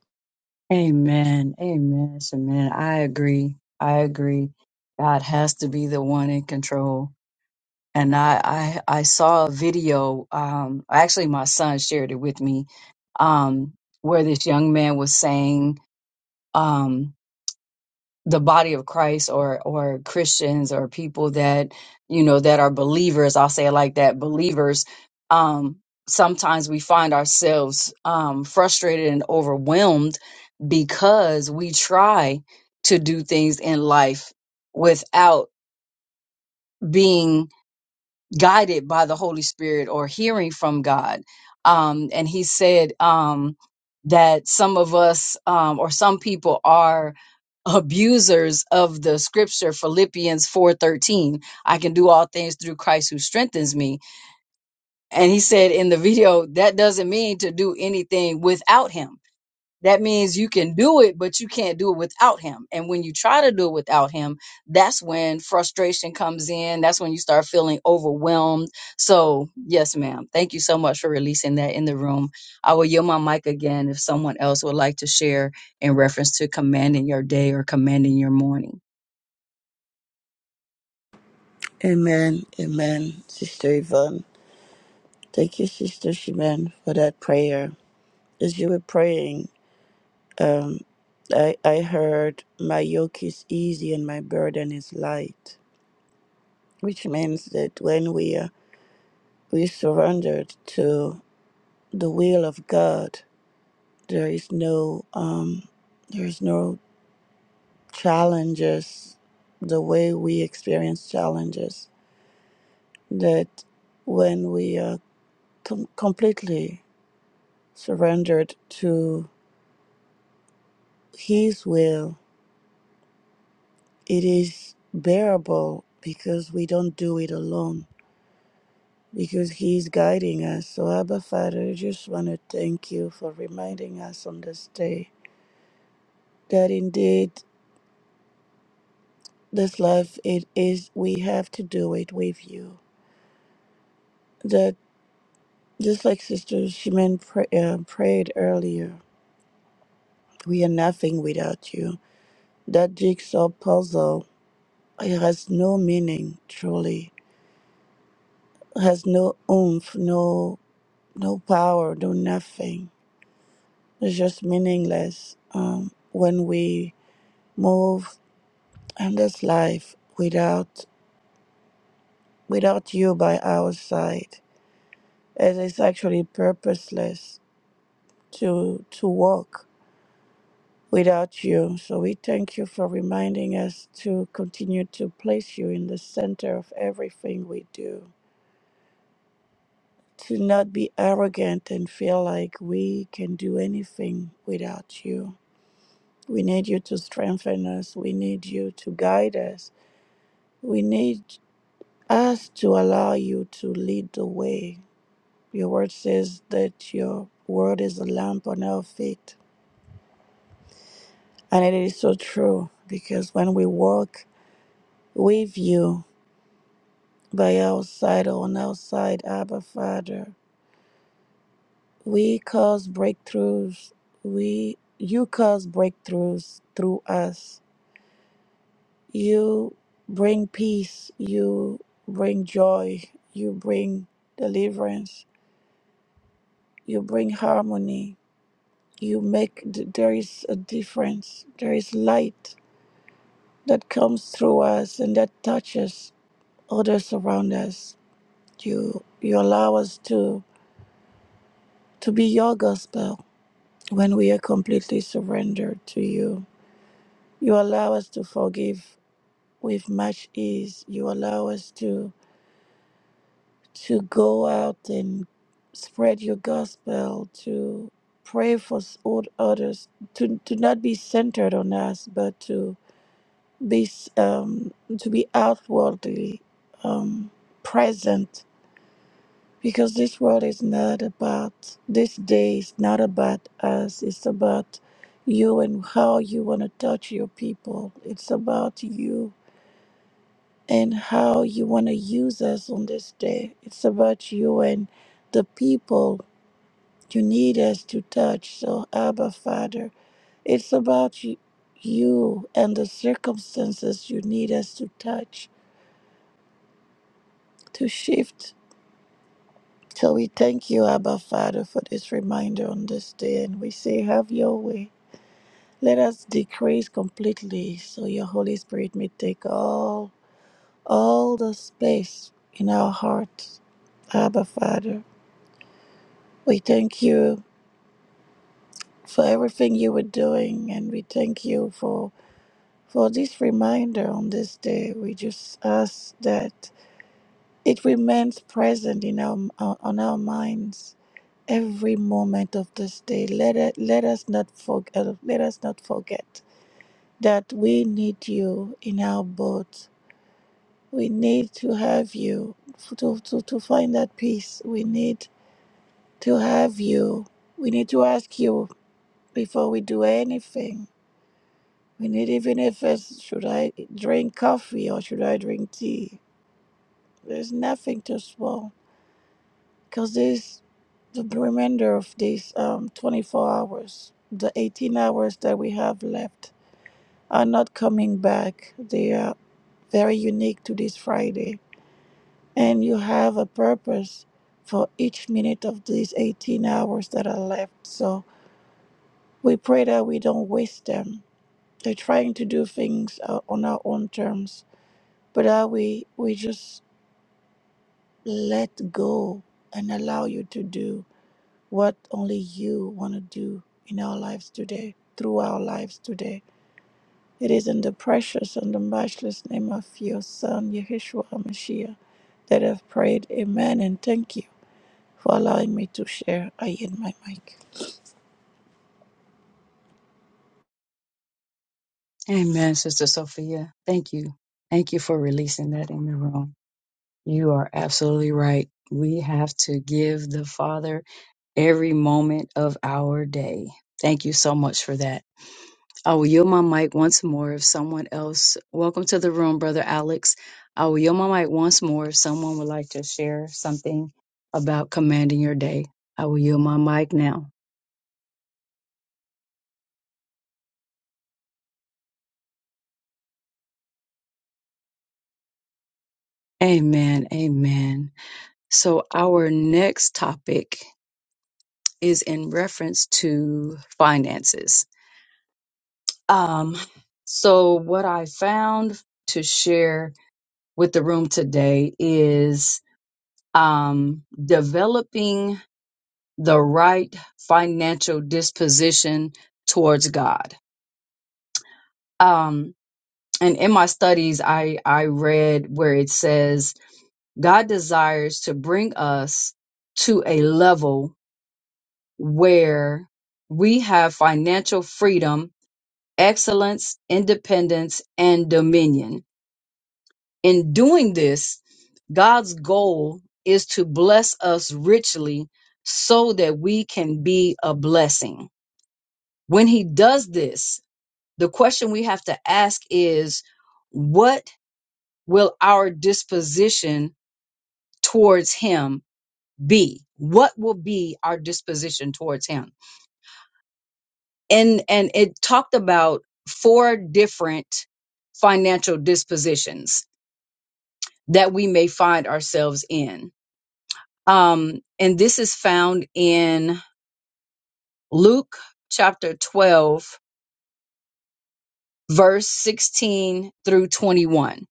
Speaker 1: Amen. Amen. Amen. I agree. I agree. God has to be the one in control and I, I I saw a video. Um, actually, my son shared it with me, um, where this young man was saying um, the body of Christ or or Christians or people that you know that are believers. I'll say it like that: believers. Um, sometimes we find ourselves um, frustrated and overwhelmed because we try to do things in life without being guided by the Holy Spirit or hearing from God. Um, and he said um, that some of us um, or some people are abusers of the scripture Philippians 4:13 I can do all things through Christ who strengthens me and he said in the video that doesn't mean to do anything without him that means you can do it, but you can't do it without him. And when you try to do it without him, that's when frustration comes in. That's when you start feeling overwhelmed. So, yes, ma'am. Thank you so much for releasing that in the room. I will yield my mic again if someone else would like to share in reference to commanding your day or commanding your morning.
Speaker 5: Amen. Amen. Sister Yvonne. Thank you, Sister Shimen, for that prayer. As you were praying, um, I, I heard, My yoke is easy and my burden is light, which means that when we are we surrendered to the will of God, There is no um, there is no challenges the way we experience challenges that when we are com- completely surrendered to His will, it is bearable because we don't do it alone, because He's guiding us. So, Abba Father, I just want to thank you for reminding us on this day that indeed this life it is we have to do it with you Just like Sister Shimin pray, uh, prayed earlier, we are nothing without you. That jigsaw puzzle has no meaning, truly. Has no oomph, no no power, no nothing. It's just meaningless um, when we move in this life without without you by our side. It is actually purposeless to to walk. without you. So we thank you for reminding us to continue to place you in the center of everything we do, to not be arrogant and feel like we can do anything without you. We need you to strengthen us, we need you to guide us, we need us to allow you to lead the way. Your word says that your word is a lamp on our feet. And it is so true because when we walk with you, by outside on outside Abba Father. We cause breakthroughs. We you cause breakthroughs through us. You bring peace. You bring joy. You bring deliverance. You bring harmony. You make th- there is a difference. There is light that comes through us and that touches others around us. You you allow us to to be your gospel when we are completely surrendered to you. You allow us to forgive with much ease. You allow us to to go out and spread your gospel, to pray for s- all others, to, to not be centered on us, but to be s- um, to be outwardly um, present Because this world is not about, this day is not about us. It's about you and how you want to touch your people. It's about you and how you want to use us on this day. It's about you and the people you need us to touch. So, Abba, Father, it's about you, you and the circumstances you need us to touch, to shift. So we thank you, Abba Father, for this reminder on this day, and we say, Have your way. Let us decrease completely so your Holy Spirit may take all, all the space in our hearts, Abba Father. We thank you for everything you were doing, and we thank you for, for this reminder on this day. We just ask that it remains present in our, on our minds every moment of this day. Let it, let us not forget. Let us not forget that we need you in our boat. We need to have you f- to, to, to find that peace. We need to have you. We need to ask you before we do anything. We need even if it's should I drink coffee or should I drink tea. There's nothing too small. because this the remainder of these um 24 hours the 18 hours that we have left are not coming back they are very unique to this friday and you have a purpose for each minute of these 18 hours that are left so we pray that we don't waste them they're trying to do things uh, on our own terms but that we we just let go and allow you to do what only you want to do in our lives today, through our lives today. It is in the precious and the matchless name of your Son, Yeshua HaMashiach, that I've prayed. Amen. And thank you for allowing me to share. I yield my mic.
Speaker 1: Amen, Sister Sophia. Thank you. Thank you for releasing that in the room. You are absolutely right. We have to give the Father every moment of our day. Thank you so much for that. I will yield my mic once more if someone else. Welcome to the room, Brother Alex. I will yield my mic once more if someone would like to share something about commanding your day. I will yield my mic now. Amen. Amen. So, our next topic is in reference to finances. Um, so, what I found to share with the room today is um, developing the right financial disposition towards God. Um, and in my studies, I, I read where it says God desires to bring us to a level where we have financial freedom, excellence, independence, and dominion In doing this, God's goal is to bless us richly so that we can be a blessing. When He does this, the question we have to ask is what will our disposition towards Him be? What will be our disposition towards Him? And, and it talked about four different financial dispositions that we may find ourselves in Um, and this is found in Luke chapter 12, verse 16 through 21.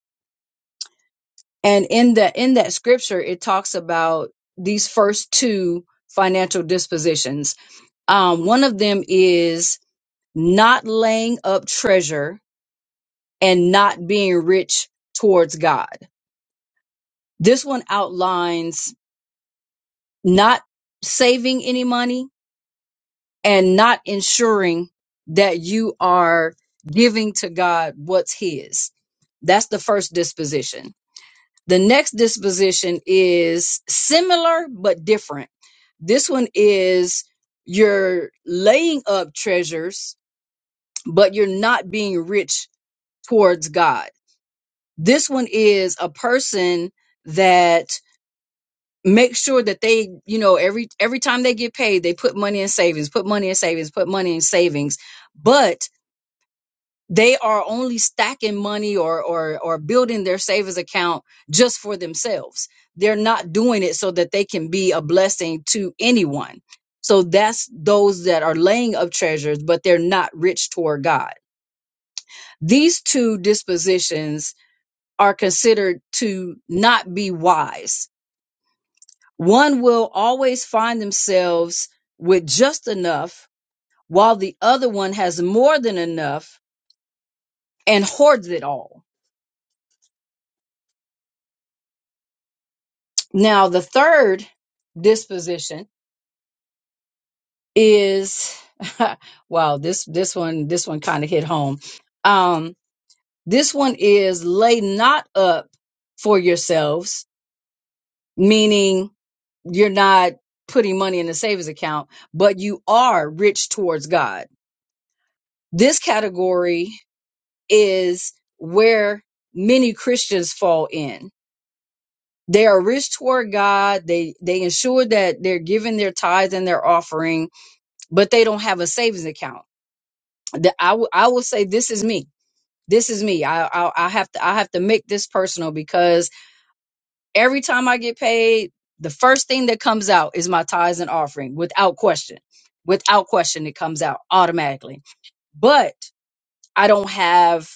Speaker 1: And in that, in that scripture, it talks about these first two financial dispositions. Um, one of them is not laying up treasure and not being rich towards God. This one outlines not saving any money and not ensuring that you are giving to God what's His. That's the first disposition. The next disposition is similar but different. This one is you're laying up treasures, but you're not being rich towards God. This one is a person that makes sure that they, you know, every every time they get paid, they put money in savings, put money in savings, put money in savings. But They are only stacking money or or or building their savings account just for themselves. They're not doing it so that they can be a blessing to anyone. So that's those that are laying up treasures, but they're not rich toward God. These two dispositions are considered to not be wise. One will always find themselves with just enough while the other one has more than enough and hoards it all. Now, the third disposition is wow, this this one this one kind of hit home. Um, this one is lay not up for yourselves, meaning you're not putting money in the savings account, but you are rich towards God. This category is where many Christians fall in. They are rich toward God. They they ensure that they're giving their tithes and their offering but they don't have a savings account. The- I w- I will say this is me. This is me. I, I I have to I have to make this personal because every time I get paid, the first thing that comes out is my tithes and offering without question. Without question, it comes out automatically. But I don't have.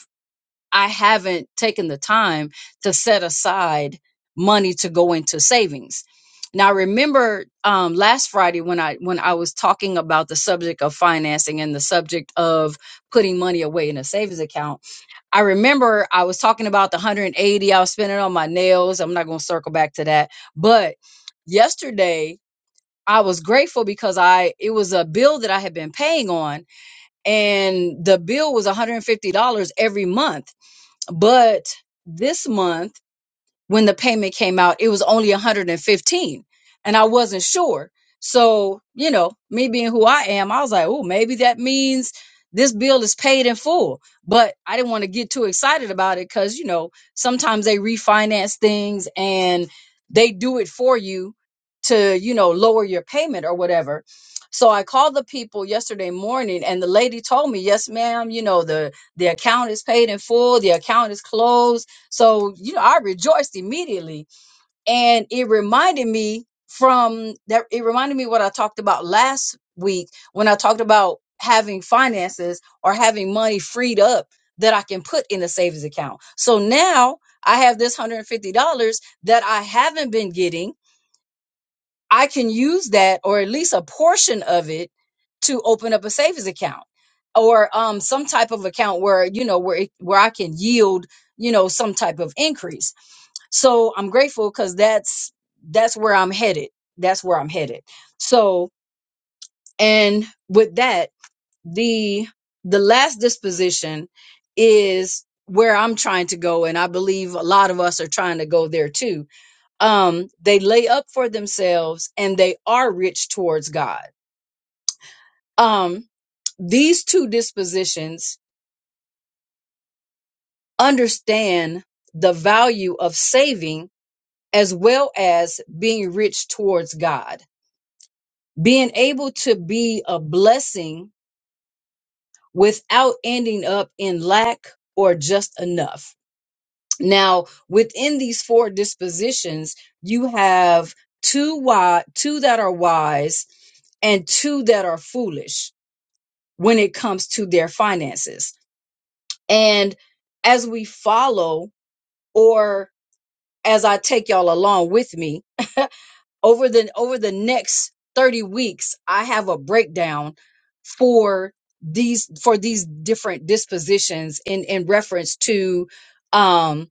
Speaker 1: I haven't taken the time to set aside money to go into savings. Now, I remember um, last Friday when I when I was talking about the subject of financing and the subject of putting money away in a savings account. I remember I was talking about the 180 I was spending on my nails. I'm not going to circle back to that, but yesterday I was grateful because I it was a bill that I had been paying on, and the bill was $150 every month but this month, when the payment came out, it was only 115 and fifteen, and I wasn't sure. So, you know, me being who I am, I was like, oh, maybe that means this bill is paid in full. But I didn't want to get too excited about it because, you know, sometimes they refinance things and they do it for you to, you know, lower your payment or whatever. So I called the people yesterday morning and the lady told me, yes, ma'am, you know, the, the account is paid in full. The account is closed so, you know, I rejoiced immediately. And it reminded me from that, it reminded me what I talked about last week when I talked about having finances or having money freed up that I can put in a savings account. So now I have this $150 that I haven't been getting. I can use that or at least a portion of it to open up a savings account or um some type of account where you know where it, where I can yield you know some type of increase so i'm grateful because that's that's where i'm headed that's where i'm headed so and with that the the last disposition is where i'm trying to go and i believe a lot of us are trying to go there too um they lay up for themselves and they are rich towards god um these two dispositions understand the value of saving as well as being rich towards god being able to be a blessing without ending up in lack or just enough. Now, within these four dispositions, you have two wise, two that are wise and two that are foolish when it comes to their finances. And as we follow or as I take y'all along with me, over the over the next 30 weeks i have a breakdown for these for these different dispositions in in reference to um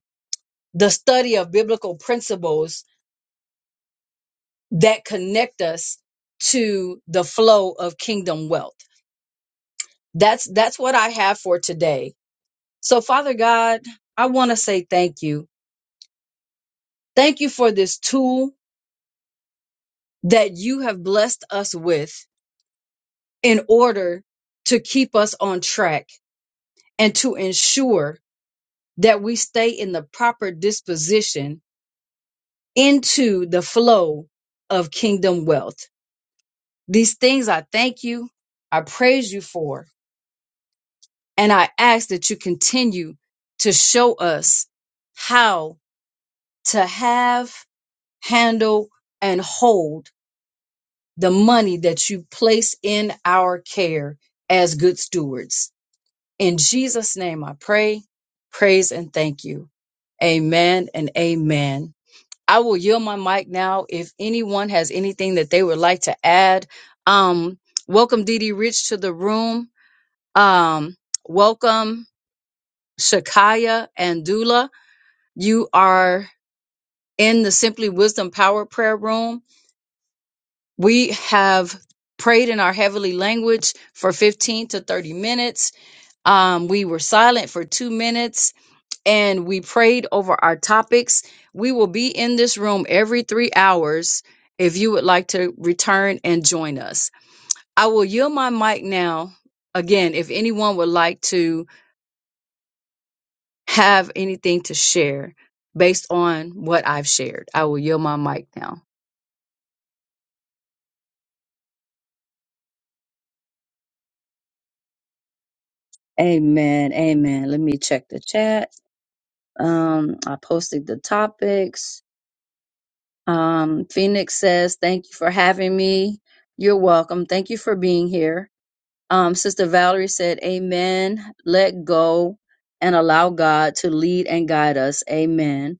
Speaker 1: the study of biblical principles that connect us to the flow of kingdom wealth that's that's what i have for today so father god i want to say thank you thank you for this tool that you have blessed us with in order to keep us on track and to ensure that we stay in the proper disposition into the flow of kingdom wealth. These things I thank you, I praise you for, and I ask that you continue to show us how to have, handle, and hold the money that you place in our care as good stewards. In Jesus' name I pray, praise, and thank you. Amen and amen. I will yield my mic now. If anyone has anything that they would like to add, um, welcome Dee Dee Rich to the room. Um, welcome Shakaya and Dula. You are in the Simply Wisdom Power Prayer Room. We have prayed in our heavenly language for 15 to 30 minutes. Um, we were silent for two minutes and we prayed over our topics. We will be in this room every three hours if you would like to return and join us. I will yield my mic now. Again, if anyone would like to have anything to share based on what I've shared, I will yield my mic now. Amen. Amen. Let me check the chat. Um, I posted the topics. Um, Phoenix says, Thank you for having me. You're welcome. Thank you for being here. Um, Sister Valerie said, Amen. Let go and allow God to lead and guide us. Amen.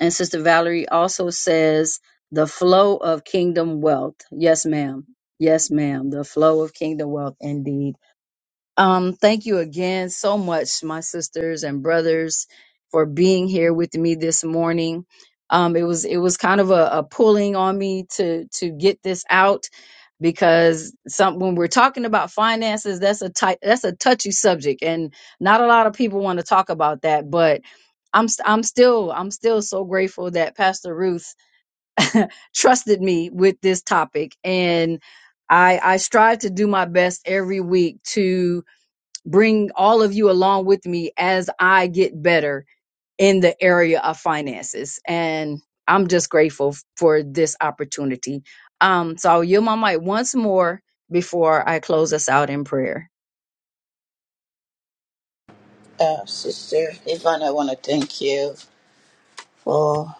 Speaker 1: And Sister Valerie also says, the flow of kingdom wealth. Yes, ma'am. Yes, ma'am. The flow of kingdom wealth, indeed. Um, thank you again so much, my sisters and brothers, for being here with me this morning. Um, it was it was kind of a, a pulling on me to to get this out because some when we're talking about finances, that's a tight that's a touchy subject, and not a lot of people want to talk about that. But I'm st- I'm still I'm still so grateful that Pastor Ruth trusted me with this topic, and I I strive to do my best every week to bring all of you along with me as I get better in the area of finances. And I'm just grateful f- for this opportunity. Um, so I'll yield my mic once more before I close us out in prayer.
Speaker 5: Uh, Sister Yvonne, I want to thank you for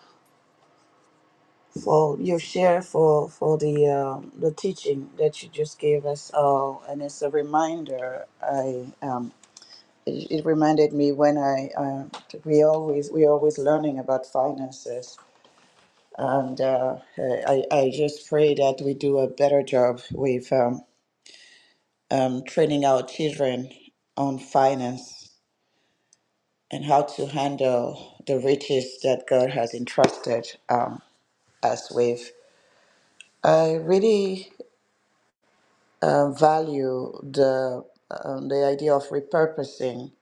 Speaker 5: for your share for for the um, the teaching that you just gave us all, and it's a reminder. I am it, it reminded me when I um we always we always learning about finances, and uh, I I just pray that we do a better job with um, um, training our children on finance and how to handle the riches that God has entrusted um, us with. I really uh, value the um, the idea of repurposing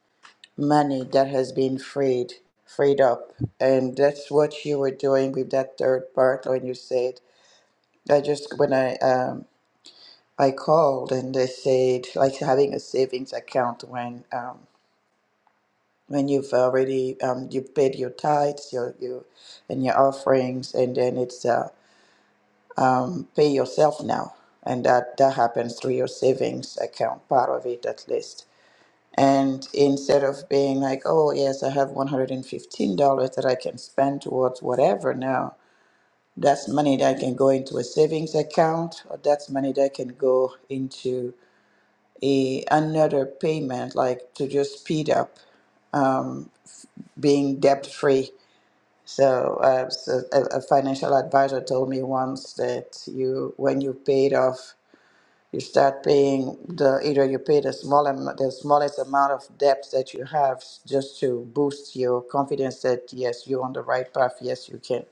Speaker 5: money that has been freed, freed up. And that's what you were doing with that third part when you said, I just, when I, um, I called and they said, like having a savings account when, um, when you've already, um, you've paid your tithes, your, your, and your offerings, and then it's, uh, um, pay yourself now. And that, that happens through your savings account, part of it at least. And instead of being like, oh, yes, I have $115 that I can spend towards whatever now, that's money that can go into a savings account, or that's money that can go into a another payment, like to just speed up um, being debt free. So, uh, so a, a financial advisor told me once that you, when you paid off you start paying the either you pay the small am- the smallest amount of debts that you have just to boost your confidence that yes you're on the right path yes you can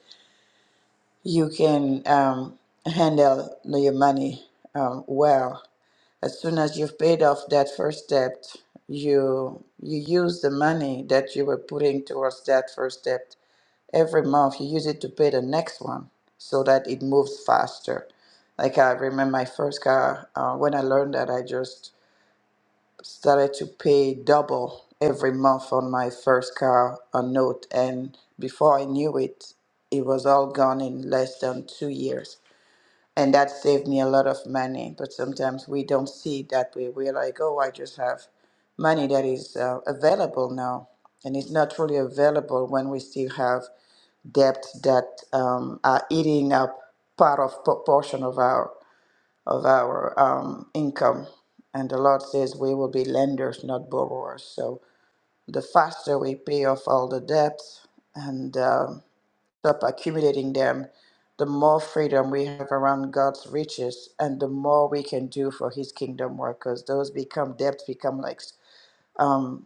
Speaker 5: you can um, handle your money um, well as soon as you've paid off that first debt you you use the money that you were putting towards that first debt every month you use it to pay the next one so that it moves faster like i remember my first car uh, when i learned that i just started to pay double every month on my first car a note and before i knew it it was all gone in less than two years and that saved me a lot of money but sometimes we don't see it that way we're like oh i just have money that is uh, available now and it's not really available when we still have debt that um, are eating up part of proportion of our of our um, income. And the Lord says we will be lenders, not borrowers. So the faster we pay off all the debts and um stop accumulating them, the more freedom we have around God's riches, and the more we can do for His kingdom work. Because those become debts become like um,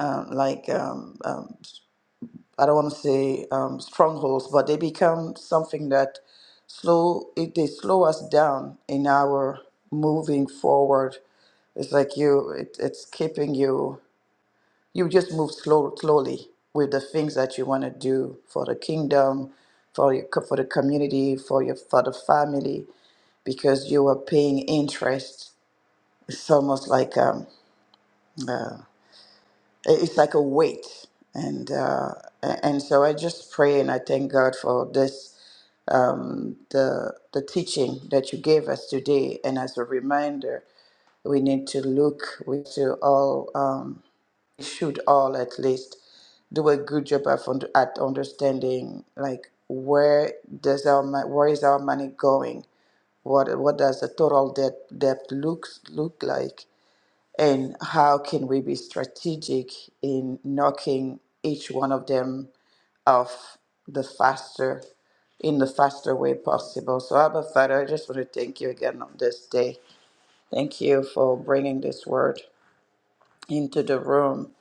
Speaker 5: um, uh, like um, um, I don't want to say um, strongholds, but they become something that slow it they slow us down in our moving forward. It's like you it, it's keeping you you just move slow slowly with the things that you want to do for the kingdom, for your co- for the community, for your for the family, because you are paying interest. It's almost like um, uh, it- it's like a weight and uh, a- and so i just pray and i thank god for this um, the the teaching that you gave us today and as a reminder we need to look we to all um, we should all at least do a good job of und- at understanding like where does our mo- where is our money going what what does the total debt debt looks look like and how can we be strategic in knocking each one of them off the faster in the faster way possible so abba father i just want to thank you again on this day thank you for bringing this word into the room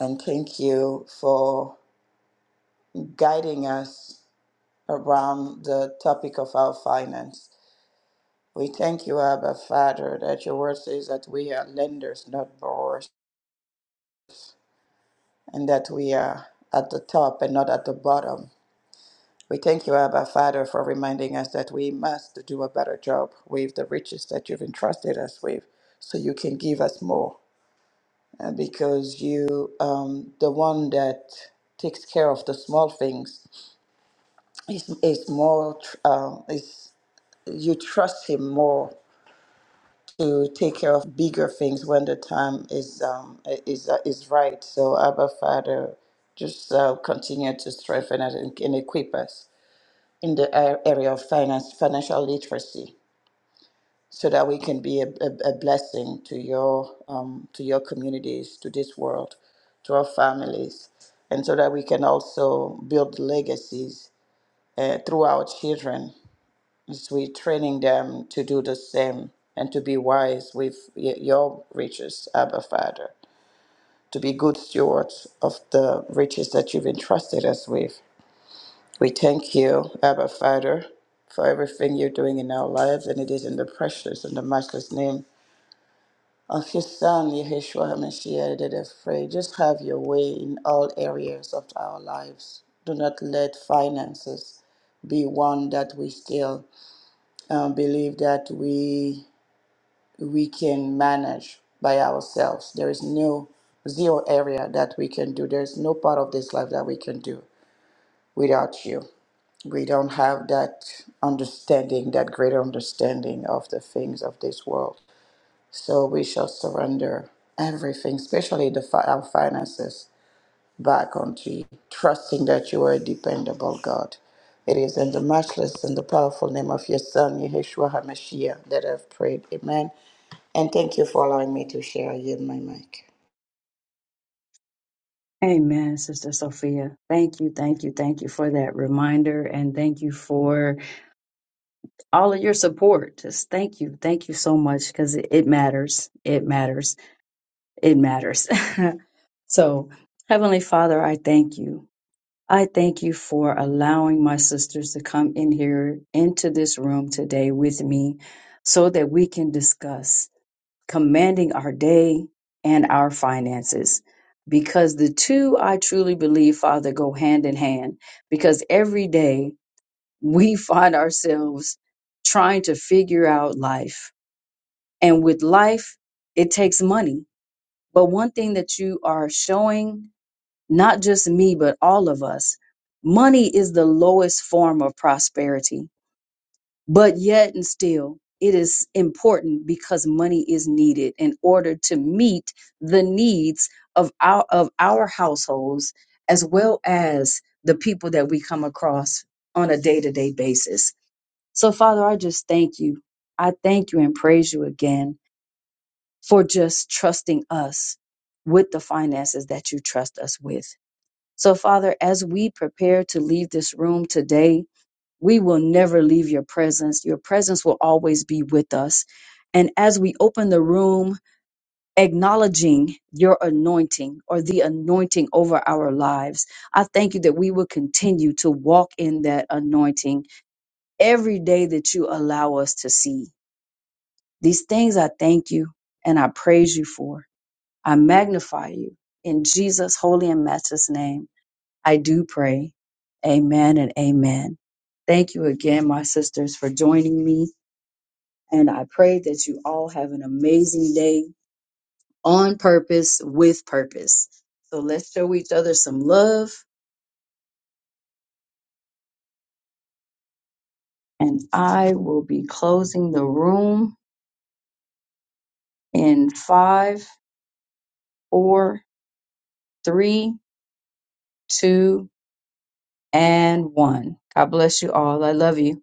Speaker 5: and thank you for guiding us around the topic of our finance we thank you abba father that your word says that we are lenders not borrowers and that we are at the top and not at the bottom. We thank you, Abba Father, for reminding us that we must do a better job with the riches that you've entrusted us with so you can give us more. And because you, um, the one that takes care of the small things, is, is more, tr- um is you trust him more to take care of bigger things when the time is um, is uh, is right. So Abba Father, just uh, continue to strengthen us and, and equip us in the a- area of finance, financial literacy, so that we can be a, a, a blessing to your um, to your communities, to this world, to our families, and so that we can also build legacies uh, through our children as we're training them to do the same and to be wise with y- your riches, Abba Father, to be good stewards of the riches that you've entrusted us with. We thank you, Abba Father, for everything you're doing in our lives, and it is in the precious and the matchless name of your Son, Yeshua HaMashiach, that I pray. Just have your way in all areas of our lives. Do not let finances be one that we still uh, believe that we we can manage by ourselves. There is no zero area that we can do. There's no part of this life that we can do without you. We don't have that understanding, that greater understanding of the things of this world. So we shall surrender everything, especially the fi- our finances, back onto you, trusting that you are a dependable God. It is in the matchless and the powerful name of your Son, Yeshua HaMashiach, that I've prayed. Amen. And thank you for allowing me to share. I yield my mic.
Speaker 1: Amen, Sister Sophia. Thank you, thank you, thank you for that reminder, and thank you for all of your support. Just thank you, thank you so much because it, it matters, it matters, it matters. so, Heavenly Father, I thank you. I thank you for allowing my sisters to come in here into this room today with me so that we can discuss commanding our day and our finances. Because the two, I truly believe, Father, go hand in hand. Because every day we find ourselves trying to figure out life. And with life, it takes money. But one thing that you are showing not just me, but all of us. Money is the lowest form of prosperity, but yet and still, it is important because money is needed in order to meet the needs of our of our households as well as the people that we come across on a day-to-day basis. So Father, I just thank you. I thank you and praise you again for just trusting us with the finances that you trust us with. So, Father, as we prepare to leave this room today, we will never leave your presence. Your presence will always be with us. And as we open the room, acknowledging your anointing or the anointing over our lives, I thank you that we will continue to walk in that anointing every day that you allow us to see. These things I thank you and I praise you for. I magnify you in Jesus' holy and matchless name. I do pray. Amen and amen. Thank you again, my sisters, for joining me. And I pray that you all have an amazing day on purpose with purpose. So let's show each other some love. And I will be closing the room in five, four, three, two, and one. God bless you all. I love you.